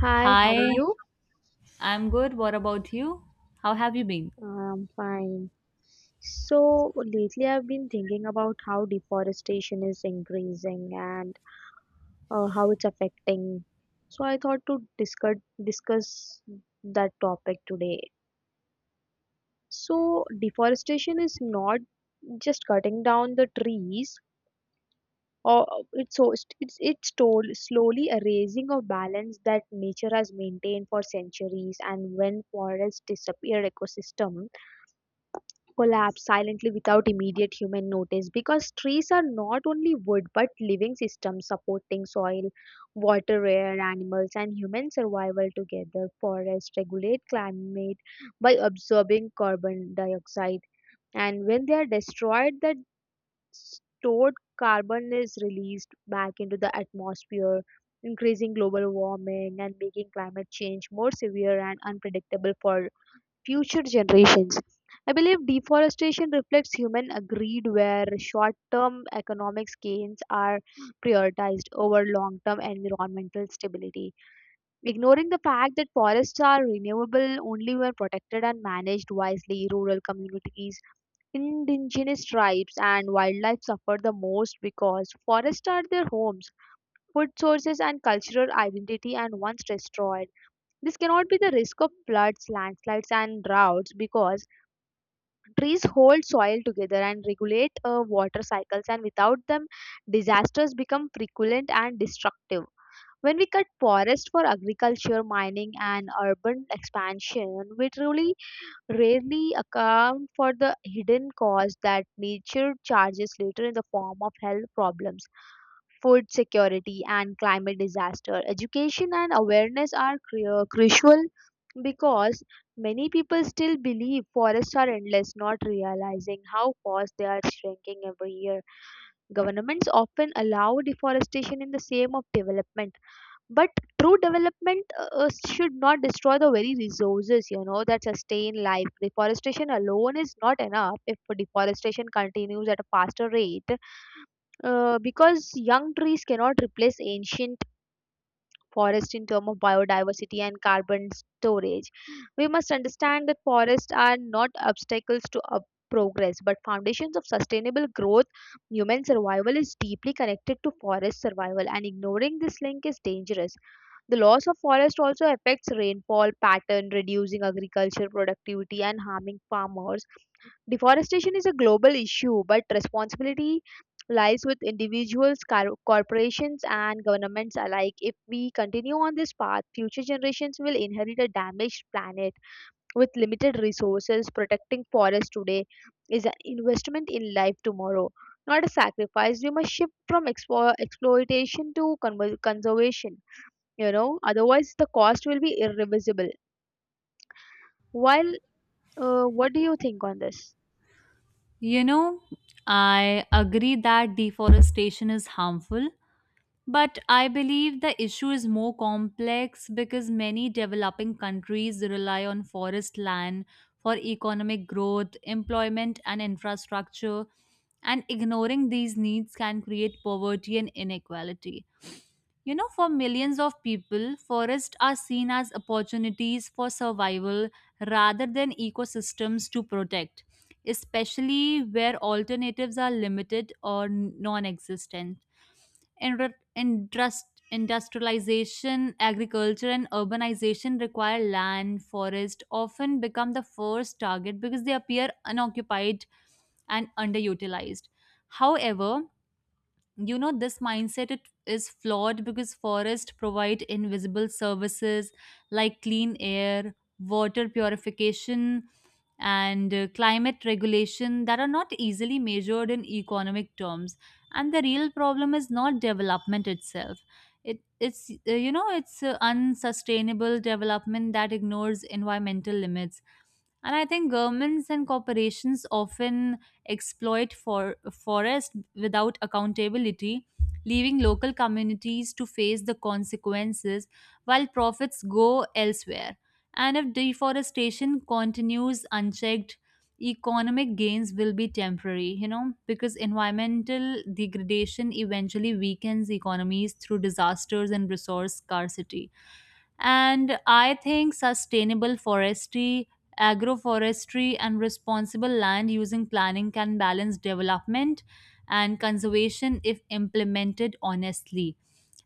Hi, how are Hi, you? I'm good. What about you? How have you been? I'm fine. So lately I've been thinking about how deforestation is increasing and how it's affecting. So I thought to discuss that topic today. So deforestation is not just cutting down the trees or it's so it's told slowly erasing of balance that nature has maintained for centuries, and when forests disappear, ecosystem collapse silently without immediate human notice because trees are not only wood but living systems supporting soil, water, air, animals, and human survival together. Forests regulate climate by absorbing carbon dioxide, and when they are destroyed, that stored carbon is released back into the atmosphere, increasing global warming and making climate change more severe and unpredictable for future generations. I believe deforestation reflects human greed where short term economic gains are prioritized over long term environmental stability, ignoring the fact that forests are renewable only when protected and managed wisely. Rural communities, indigenous tribes, and wildlife suffer the most because forests are their homes, food sources, and cultural identity, and once destroyed, this cannot be the risk of floods, landslides, and droughts because trees hold soil together and regulate water cycles, and without them, disasters become frequent and destructive. When we cut forest for agriculture, mining, and urban expansion, we truly rarely account for the hidden cost that nature charges later in the form of health problems, food security, and climate disaster. Education and awareness are crucial because many people still believe forests are endless, not realizing how fast they are shrinking every year. Governments often allow deforestation in the name of development, but true development should not destroy the very resources that sustain life. Deforestation alone is not enough if deforestation continues at a faster rate because young trees cannot replace ancient forests in terms of biodiversity and carbon storage. We must understand that forests are not obstacles to progress but foundations of sustainable growth. Human survival is deeply connected to forest survival, and ignoring this link is dangerous. The loss of forest also affects rainfall pattern, reducing agriculture productivity and harming farmers. Deforestation is a global issue, but responsibility lies with individuals, corporations, and governments alike. If we continue on this path, future generations will inherit a damaged planet with limited resources. Protecting forests today is an investment in life tomorrow, not a sacrifice. We must shift from exploitation to conservation, otherwise, the cost will be irreversible. While, what do you think on this? You know, I agree that deforestation is harmful, but I believe the issue is more complex because many developing countries rely on forest land for economic growth, employment, and infrastructure, and ignoring these needs can create poverty and inequality. You know, for millions of people, forests are seen as opportunities for survival rather than ecosystems to protect, especially where alternatives are limited or non existent. Industrialization, agriculture, and urbanization require land. Forests often become the first target because they appear unoccupied and underutilized. However, you know, this mindset it is flawed because forests provide invisible services like clean air, water purification, and climate regulation that are not easily measured in economic terms, and the real problem is not development itself. It's you know, it's unsustainable development that ignores environmental limits. And I think governments and corporations often exploit for forest without accountability, leaving local communities to face the consequences while profits go elsewhere. And if deforestation continues unchecked, economic gains will be temporary, you know, because environmental degradation eventually weakens economies through disasters and resource scarcity. And I think sustainable forestry, agroforestry, and responsible land using planning can balance development and conservation if implemented honestly.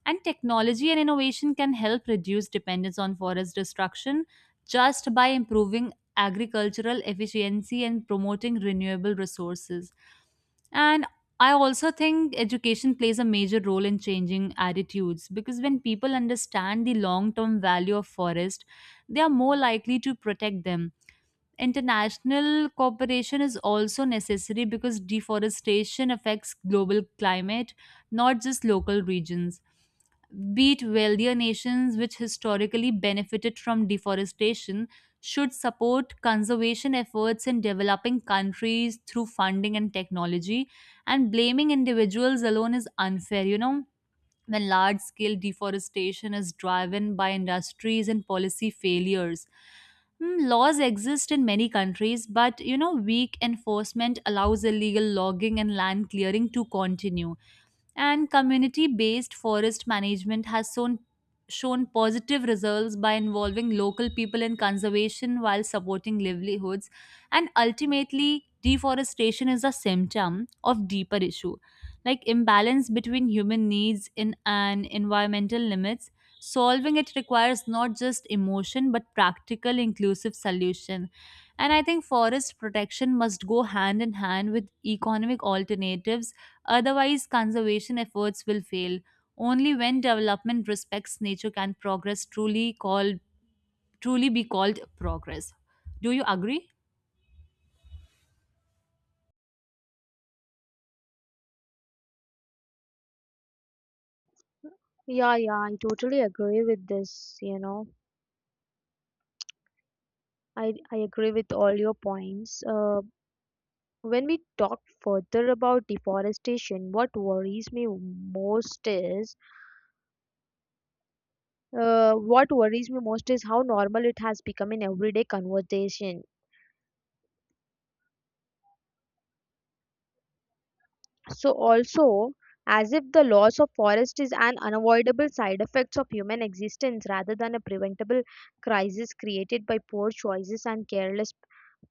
And technology and innovation can help reduce dependence on forest destruction just by improving agricultural efficiency and promoting renewable resources. And I also think education plays a major role in changing attitudes because when people understand the long term value of forest, they are more likely to protect them. International cooperation is also necessary because deforestation affects global climate, not just local regions. Be it wealthier nations, which historically benefited from deforestation, should support conservation efforts in developing countries through funding and technology. And blaming individuals alone is unfair, you know, when large scale deforestation is driven by industries and policy failures. Hmm, laws exist in many countries, but you know, weak enforcement allows illegal logging and land clearing to continue. And community based forest management has shown positive results by involving local people in conservation while supporting livelihoods. And ultimately deforestation is a symptom of deeper issue, like imbalance between human needs in and environmental limits. Solving it requires not just emotion but practical inclusive solution. And I think forest protection must go hand in hand with economic alternatives. Otherwise, conservation efforts will fail. Only when development respects nature can progress truly be called progress. Do you agree? Yeah, yeah, I totally agree with this. I agree with all your points. When we talk further about deforestation, what worries me most is how normal it has become in everyday conversation. So also, as if the loss of forest is an unavoidable side effects of human existence rather than a preventable crisis created by poor choices and careless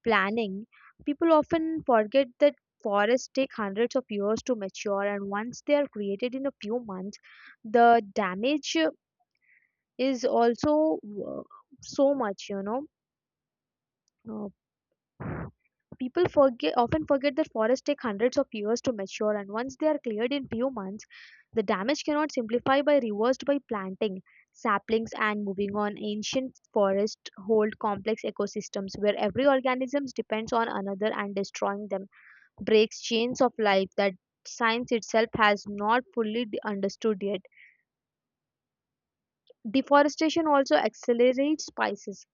planning, people often forget that forests take hundreds of years to mature, and once they are created in a few months, the damage is also uh, so much you know uh, people forget often forget that forests take hundreds of years to mature, and once they are cleared in few months, the damage cannot simplify by reversed by planting saplings and moving on. Ancient forests hold complex ecosystems where every organism depends on another, and destroying them breaks chains of life that science itself has not fully understood yet. Deforestation also accelerates spices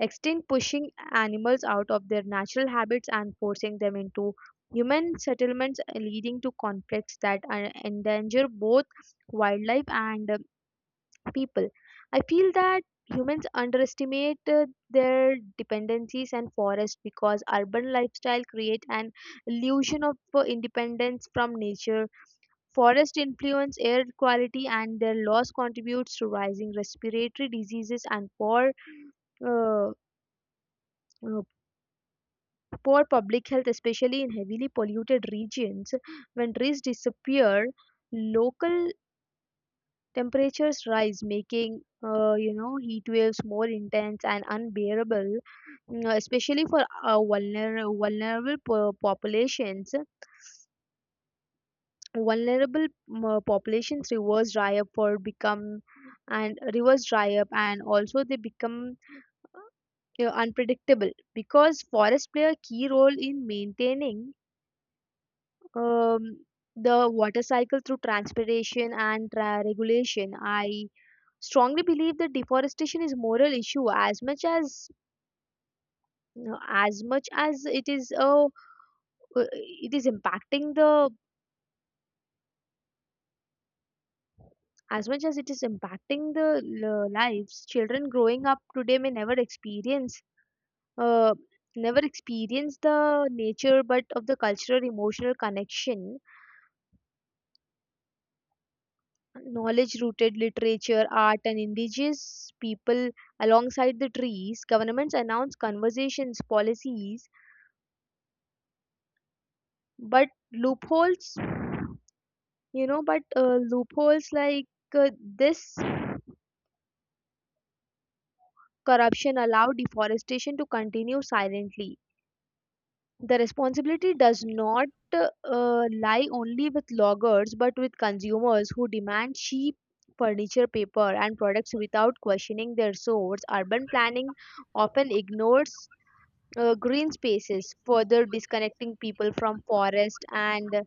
extinct, pushing animals out of their natural habits and forcing them into human settlements, leading to conflicts that endanger both wildlife and people. I feel that humans underestimate their dependencies and forests because urban lifestyle create an illusion of independence from nature. Forest influence air quality, and their loss contributes to rising respiratory diseases and uh, uh, poor public health, especially in heavily polluted regions. When trees disappear, local temperatures rise, making heat waves more intense and unbearable, especially for vulnerable populations. Vulnerable mm, populations reverse dry up for become and Reverse dry up, and also they become, unpredictable because forests play a key role in maintaining um, the water cycle through transpiration and regulation. I strongly believe that deforestation is moral issue as much as it is a it is impacting the as much as it is impacting the lives. Children growing up today may uh, never experience the nature but of the cultural emotional connection knowledge rooted literature, art, and indigenous people alongside the trees. Governments announce conversations, policies, but loopholes, loopholes like this corruption allow deforestation to continue silently. The responsibility does not lie only with loggers but with consumers who demand cheap furniture, paper, and products without questioning their source. Urban planning often ignores green spaces, further disconnecting people from forest and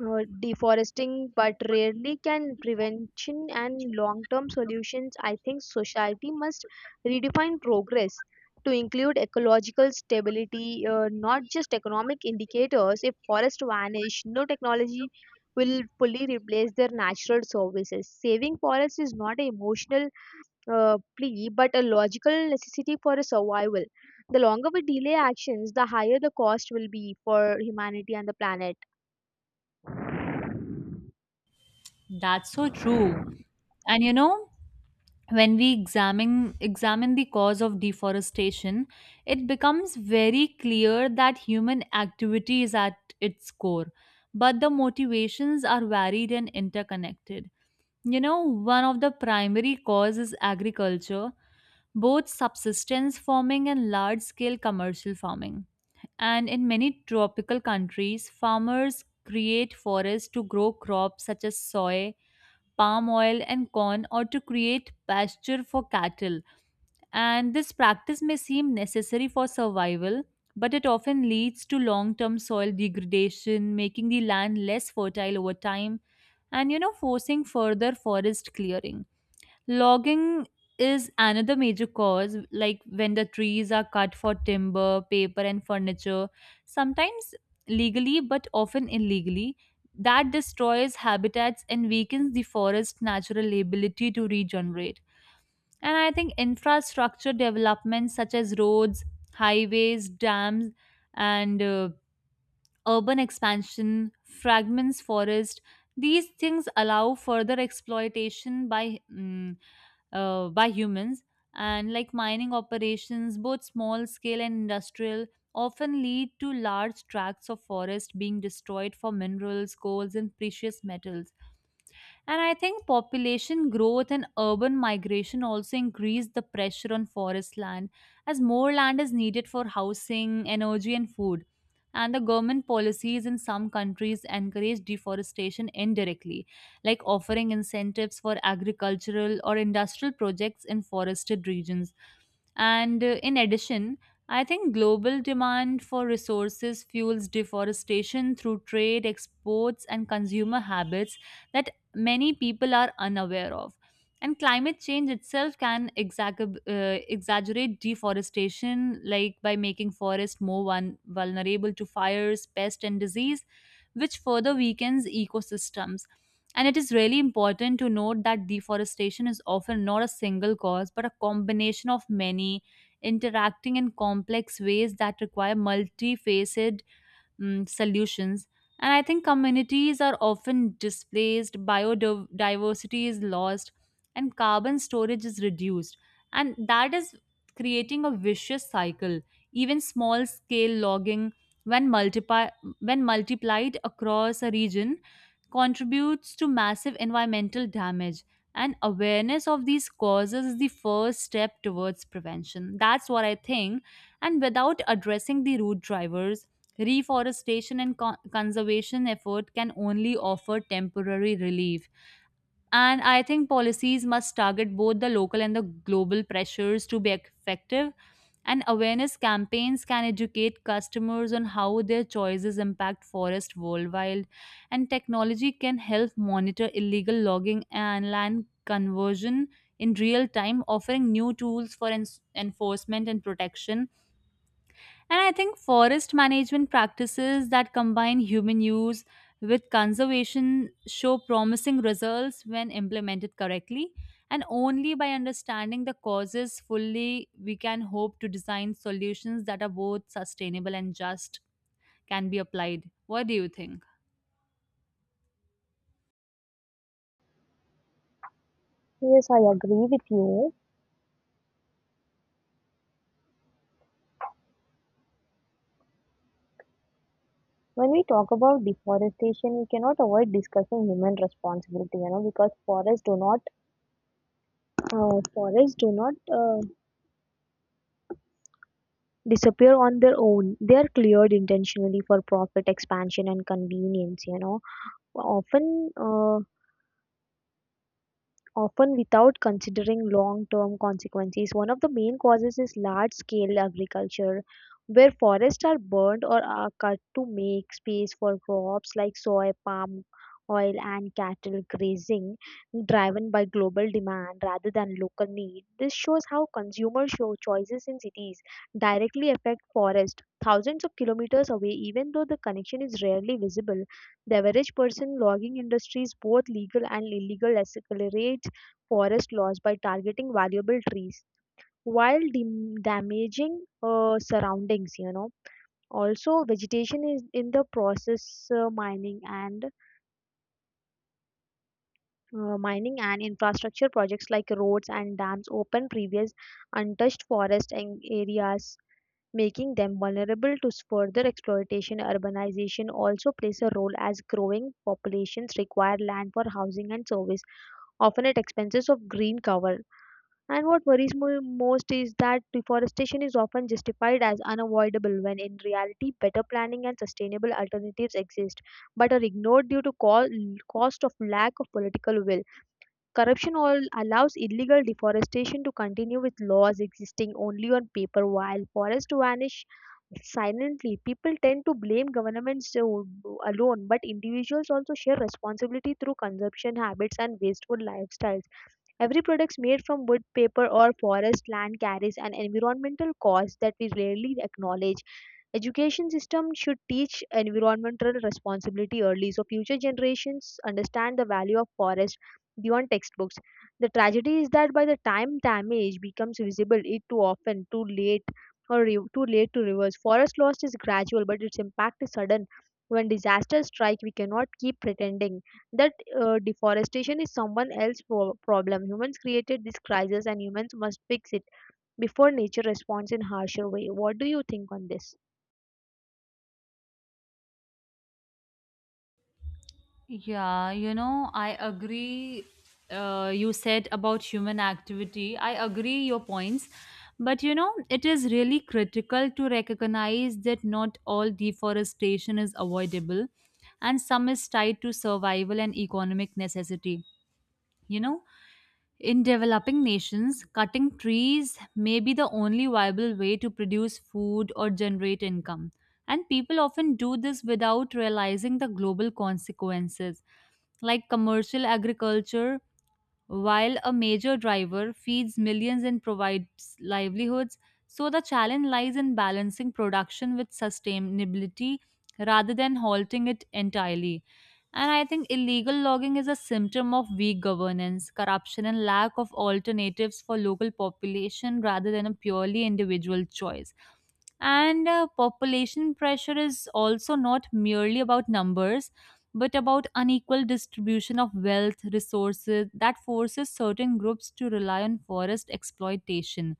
deforesting, but rarely can prevention and long-term solutions. I think society must redefine progress to include ecological stability, not just economic indicators. If forests vanish, no technology will fully replace their natural services. Saving forests is not an emotional plea but a logical necessity for a survival. The longer we delay actions, the higher the cost will be for humanity and the planet. That's so true. And you know, when we examine the cause of deforestation, it becomes very clear that human activity is at its core, but the motivations are varied and interconnected. You know, one of the primary causes is agriculture, both subsistence farming and large scale commercial farming. And in many tropical countries, farmers create forests to grow crops such as soy, palm oil, and corn, or to create pasture for cattle. And this practice may seem necessary for survival, but it often leads to long term soil degradation, making the land less fertile over time, and you know, forcing further forest clearing. Logging is another major cause, like when the trees are cut for timber, paper, and furniture, sometimes legally but often illegally. That destroys habitats and weakens the forest's natural ability to regenerate. And I think infrastructure developments such as roads, highways, dams, and urban expansion, fragments forest. These things allow further exploitation by by humans. And like mining operations, both small scale and industrial, often lead to large tracts of forest being destroyed for minerals, coals, and precious metals. And I think population growth and urban migration also increase the pressure on forest land, as more land is needed for housing, energy, and food. And the government policies in some countries encourage deforestation indirectly, like offering incentives for agricultural or industrial projects in forested regions. And in addition, I think global demand for resources fuels deforestation through trade, exports, and consumer habits that many people are unaware of. And climate change itself can exaggerate deforestation, like by making forests more vulnerable to fires, pest, and disease, which further weakens ecosystems. And it is really important to note that deforestation is often not a single cause, but a combination of many interacting in complex ways that require multifaceted solutions. And I think communities are often displaced, biodiversity is lost, and carbon storage is reduced. And that is creating a vicious cycle. Even small scale logging, when, multiply, when multiplied across a region, contributes to massive environmental damage. And awareness of these causes is the first step towards prevention. That's what I think. And without addressing the root drivers, reforestation and conservation effort can only offer temporary relief. And I think policies must target both the local and the global pressures to be effective. And awareness campaigns can educate customers on how their choices impact forest worldwide. And technology can help monitor illegal logging and land conversion in real time, offering new tools for enforcement and protection. And I think forest management practices that combine human use with conservation show promising results when implemented correctly. And only by understanding the causes fully, we can hope to design solutions that are both sustainable and just can be applied. What do you think? Yes, I agree with you. When we talk about deforestation, we cannot avoid discussing human responsibility, you know, because forests do not disappear on their own. They are cleared intentionally for profit expansion and convenience, you know. Often, often without considering long-term consequences. One of the main causes is large-scale agriculture, where forests are burned or are cut to make space for crops like soy, palm oil, and cattle grazing, driven by global demand rather than local need. This shows how consumer show choices in cities directly affect forests thousands of kilometers away, even though the connection is rarely visible. The average person logging industries, both legal and illegal, accelerates forest loss by targeting valuable trees while damaging surroundings, you know, also vegetation is in the process. uh, mining and Mining and infrastructure projects like roads and dams open previous untouched forest and areas, making them vulnerable to further exploitation. Urbanization also plays a role as growing populations require land for housing and service, often at expenses of green cover. And what worries me most is that deforestation is often justified as unavoidable when in reality better planning and sustainable alternatives exist but are ignored due to cost of lack of political will. Corruption all allows illegal deforestation to continue with laws existing only on paper while forests vanish silently. People tend to blame governments alone, but individuals also share responsibility through consumption habits and wasteful lifestyles. Every product made from wood, paper, or forest land carries an environmental cost that we rarely acknowledge. Education system should teach environmental responsibility early so future generations understand the value of forest beyond textbooks. The tragedy is that by the time damage becomes visible, it too often too late or too late to reverse. Forest loss is gradual, but its impact is sudden. When disasters strike, we cannot keep pretending that deforestation is someone else's problem. Humans created this crisis, and humans must fix it before nature responds in harsher way. What do you think on this? Yeah, you know, I agree. You said about human activity. I agree your points. But you know, it is really critical to recognize that not all deforestation is avoidable, and some is tied to survival and economic necessity. You know, in developing nations, cutting trees may be the only viable way to produce food or generate income. And people often do this without realizing the global consequences. Like commercial agriculture, while a major driver, feeds millions and provides livelihoods, so the challenge lies in balancing production with sustainability rather than halting it entirely. And I think illegal logging is a symptom of weak governance, corruption, and lack of alternatives for local population rather than a purely individual choice. And population pressure is also not merely about numbers but about unequal distribution of wealth resources that forces certain groups to rely on forest exploitation.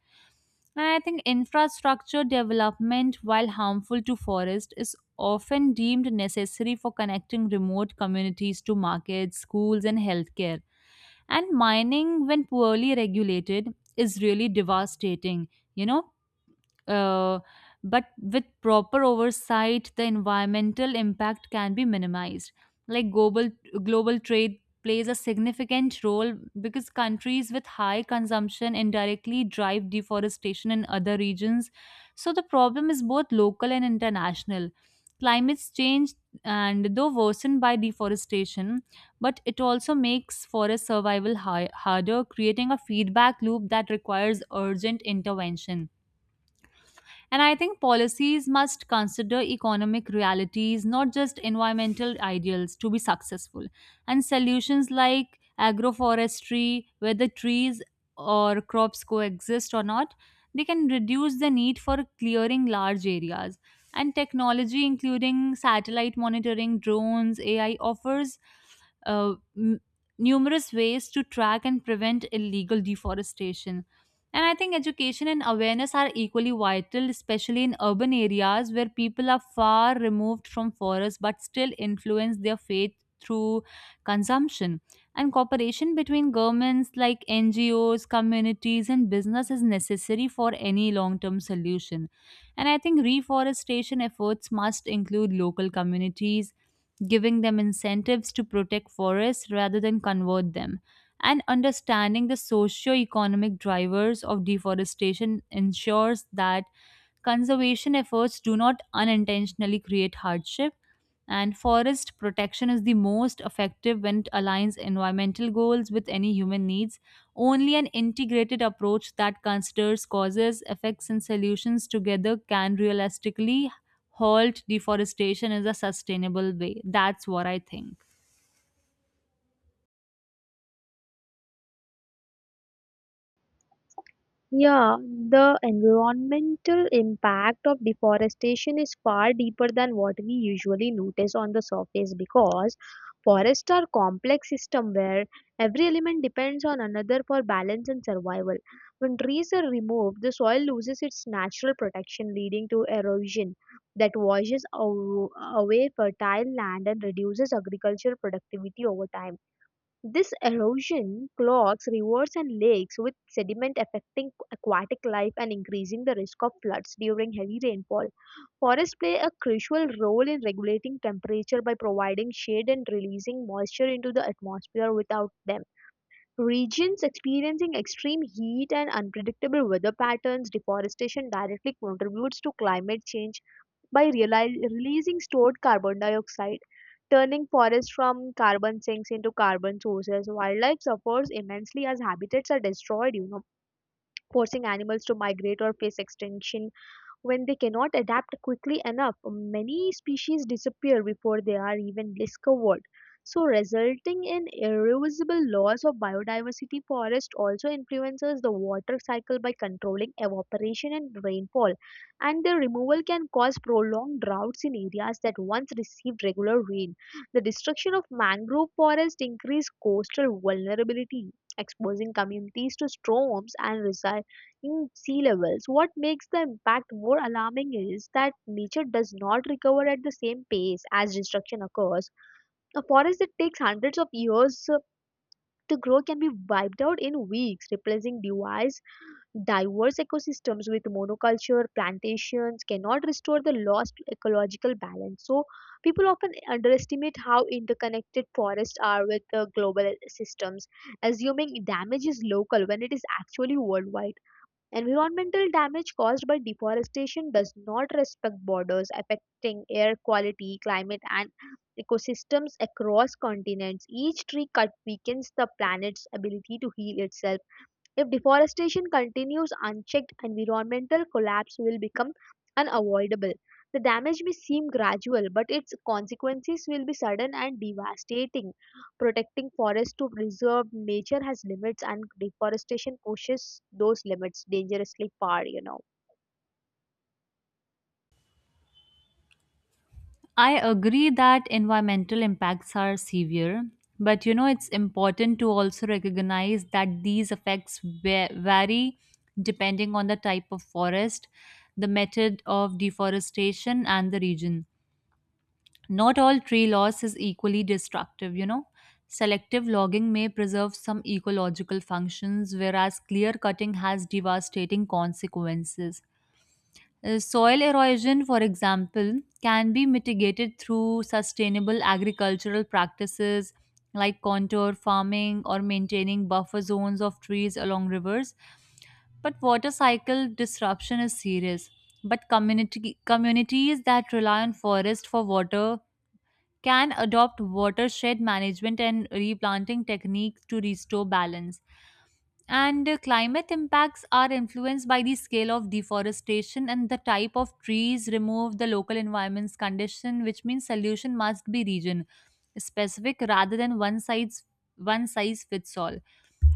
And I think infrastructure development, while harmful to forest, is often deemed necessary for connecting remote communities to markets, schools, and healthcare. And mining, when poorly regulated, is really devastating, you know, uh, but with proper oversight, the environmental impact can be minimized. Like global trade plays a significant role because countries with high consumption indirectly drive deforestation in other regions. So the problem is both local and international. Climate change, and though worsened by deforestation, but it also makes forest survival harder, creating a feedback loop that requires urgent intervention. And I think policies must consider economic realities, not just environmental ideals, to be successful. And solutions like agroforestry, whether trees or crops coexist or not, they can reduce the need for clearing large areas. And technology, including satellite monitoring, drones, AI, offers uh, m- numerous ways to track and prevent illegal deforestation. And I think education and awareness are equally vital, especially in urban areas where people are far removed from forests but still influence their faith through consumption. And cooperation between governments like NGOs, communities, and business is necessary for any long term solution. And I think reforestation efforts must include local communities, giving them incentives to protect forests rather than convert them. And understanding the socio-economic drivers of deforestation ensures that conservation efforts do not unintentionally create hardship. And forest protection is the most effective when it aligns environmental goals with any human needs. Only an integrated approach that considers causes, effects, and solutions together can realistically halt deforestation in a sustainable way. That's what I think. Yeah, the environmental impact of deforestation is far deeper than what we usually notice on the surface because forests are complex system where every element depends on another for balance and survival. When trees are removed, the soil loses its natural protection, leading to erosion that washes away fertile land and reduces agricultural productivity over time. This erosion clogs rivers and lakes with sediment, affecting aquatic life and increasing the risk of floods during heavy rainfall. Forests play a crucial role in regulating temperature by providing shade and releasing moisture into the atmosphere. Without them, regions experiencing extreme heat and unpredictable weather patterns, deforestation directly contributes to climate change by releasing stored carbon dioxide, turning forests from carbon sinks into carbon sources. Wildlife suffers immensely as habitats are destroyed, you know, forcing animals to migrate or face extinction. When they cannot adapt quickly enough, many species disappear before they are even discovered, so resulting in irreversible loss of biodiversity. Forest also influences the water cycle by controlling evaporation and rainfall, and their removal can cause prolonged droughts in areas that once received regular rain. The destruction of mangrove forest increases coastal vulnerability, exposing communities to storms and in sea levels. What makes the impact more alarming is that nature does not recover at the same pace as destruction occurs. A forest that takes hundreds of years to grow can be wiped out in weeks. Replacing device diverse ecosystems with monoculture plantations cannot restore the lost ecological balance. So people often underestimate how interconnected forests are with the global systems, assuming damage is local when it is actually worldwide. Environmental damage caused by deforestation does not respect borders, affecting air quality, climate, and ecosystems across continents. Each tree cut weakens the planet's ability to heal itself. If deforestation continues unchecked, environmental collapse will become unavoidable. The damage may seem gradual, but its consequences will be sudden and devastating. Protecting forests to preserve nature has limits, and deforestation pushes those limits dangerously far, you know. I agree that environmental impacts are severe, but you know, it's important to also recognize that these effects vary depending on the type of forest, the method of deforestation, and the region. Not all tree loss is equally destructive, you know. Selective logging may preserve some ecological functions, whereas clear cutting has devastating consequences. Soil erosion, for example, can be mitigated through sustainable agricultural practices like contour farming or maintaining buffer zones of trees along rivers. But water cycle disruption is serious. But communities that rely on forest for water can adopt watershed management and replanting techniques to restore balance. And climate impacts are influenced by the scale of deforestation and the type of trees removed, the local environment's condition, which means solution must be region specific rather than one size fits all.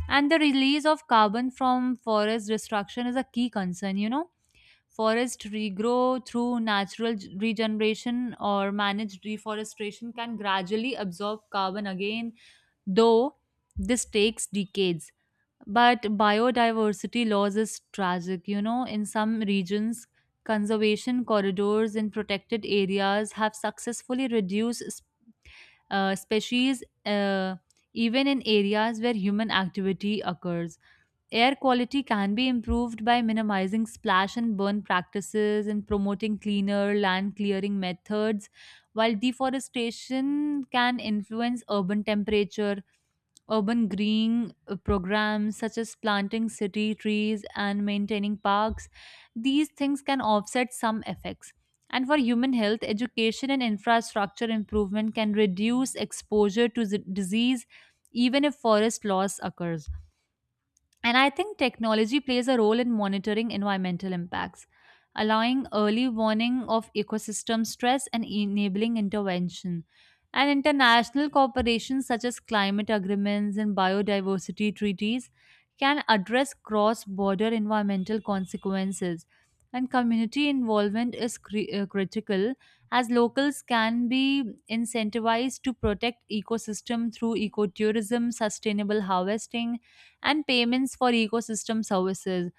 And the release of carbon from forest destruction is a key concern, you know. Forest regrow through natural regeneration or managed deforestation can gradually absorb carbon again, though this takes decades. But biodiversity loss is tragic. You know, in some regions, conservation corridors in protected areas have successfully reduced species, even in areas where human activity occurs. Air quality can be improved by minimizing splash and burn practices and promoting cleaner land clearing methods, while deforestation can influence urban temperature. Urban green programs such as planting city trees and maintaining parks, these things can offset some effects. And for human health, education and infrastructure improvement can reduce exposure to disease even if forest loss occurs. And I think technology plays a role in monitoring environmental impacts, allowing early warning of ecosystem stress and enabling intervention. And international corporations such as climate agreements and biodiversity treaties can address cross border environmental consequences. And community involvement is critical, as locals can be incentivized to protect ecosystem through ecotourism, sustainable harvesting, and payments for ecosystem services.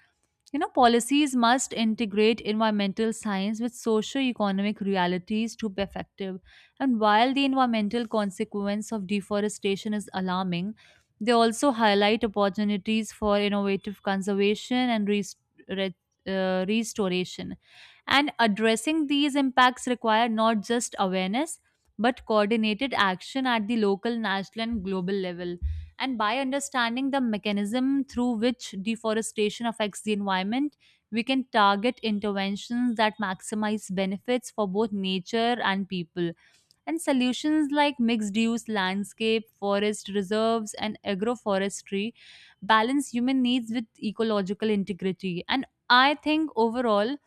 You know, policies must integrate environmental science with socio-economic realities to be effective. And while the environmental consequence of deforestation is alarming, they also highlight opportunities for innovative conservation and re- restoration. And addressing these impacts require not just awareness but coordinated action at the local, national, and global level. And by understanding the mechanism through which deforestation affects the environment, we can target interventions that maximize benefits for both nature and people. And solutions like mixed use landscape, forest reserves, and agroforestry balance human needs with ecological integrity. And I think overall,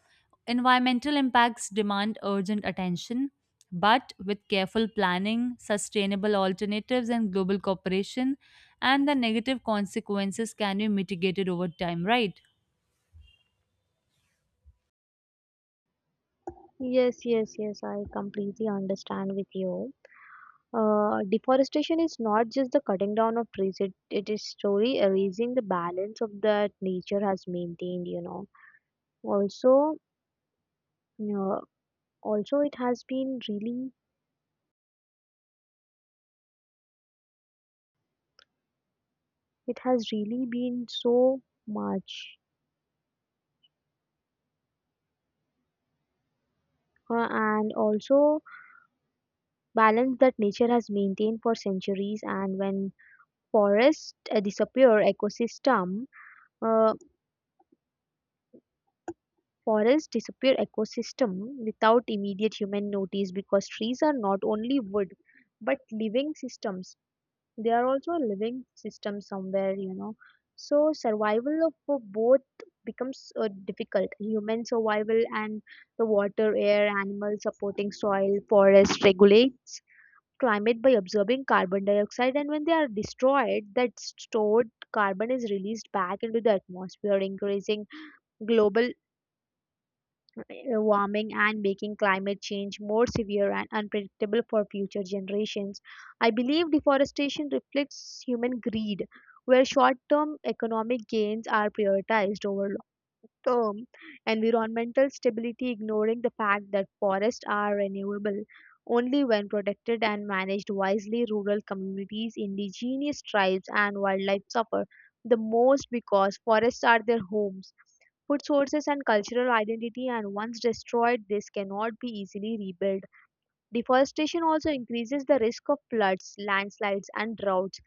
environmental impacts demand urgent attention, but with careful planning, sustainable alternatives, and global cooperation, and the negative consequences can be mitigated over time, right? Yes, yes, yes, I completely understand with you. Deforestation is not just the cutting down of trees, it is slowly erasing the balance of that nature has maintained, you know. Also uh, also it has been really it has really been so much and also Balance that nature has maintained for centuries, and when forests uh, disappear ecosystem uh, forests disappear ecosystem without immediate human notice because trees are not only wood but living systems. They are also a living system somewhere, you know, so survival of for both becomes difficult. Human survival and the water, air, animals supporting soil, forest regulates climate by absorbing carbon dioxide, and when they are destroyed, that stored carbon is released back into the atmosphere, increasing global warming and making climate change more severe and unpredictable for future generations. I believe deforestation reflects human greed, where short term economic gains are prioritized over long term environmental stability, ignoring the fact that forests are renewable only when protected and managed wisely. Rural communities, indigenous tribes, and wildlife suffer the most because forests are their homes, food sources, and cultural identity, and once destroyed, this cannot be easily rebuilt. Deforestation also increases the risk of floods, landslides, and droughts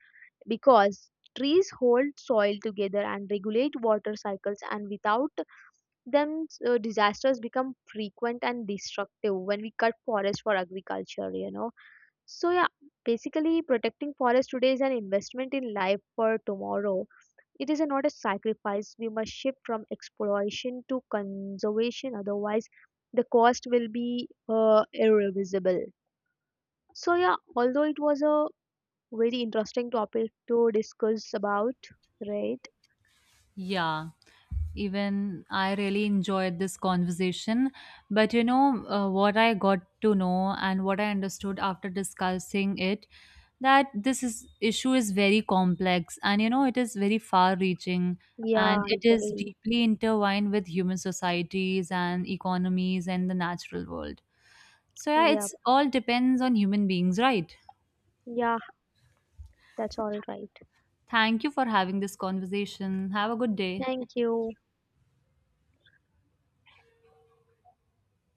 because trees hold soil together and regulate water cycles, and without them, disasters become frequent and destructive when we cut forests for agriculture, you know. So, yeah, basically, protecting forests today is an investment in life for tomorrow. It is not a sacrifice. We must shift from exploration to conservation, otherwise, the cost will be irreversible. So, yeah, although it was a very interesting topic to discuss about, right? Yeah, even I really enjoyed this conversation. But you know, what I got to know and what I understood after discussing it, that this is issue is very complex, and you know it is very far reaching, and Yeah, I it is agree. deeply intertwined with human societies and economies and the natural world. So yeah, Yeah, it's all depends on human beings, right? yeah, that's all right. Thank you for having this conversation. Have a good day. Thank you.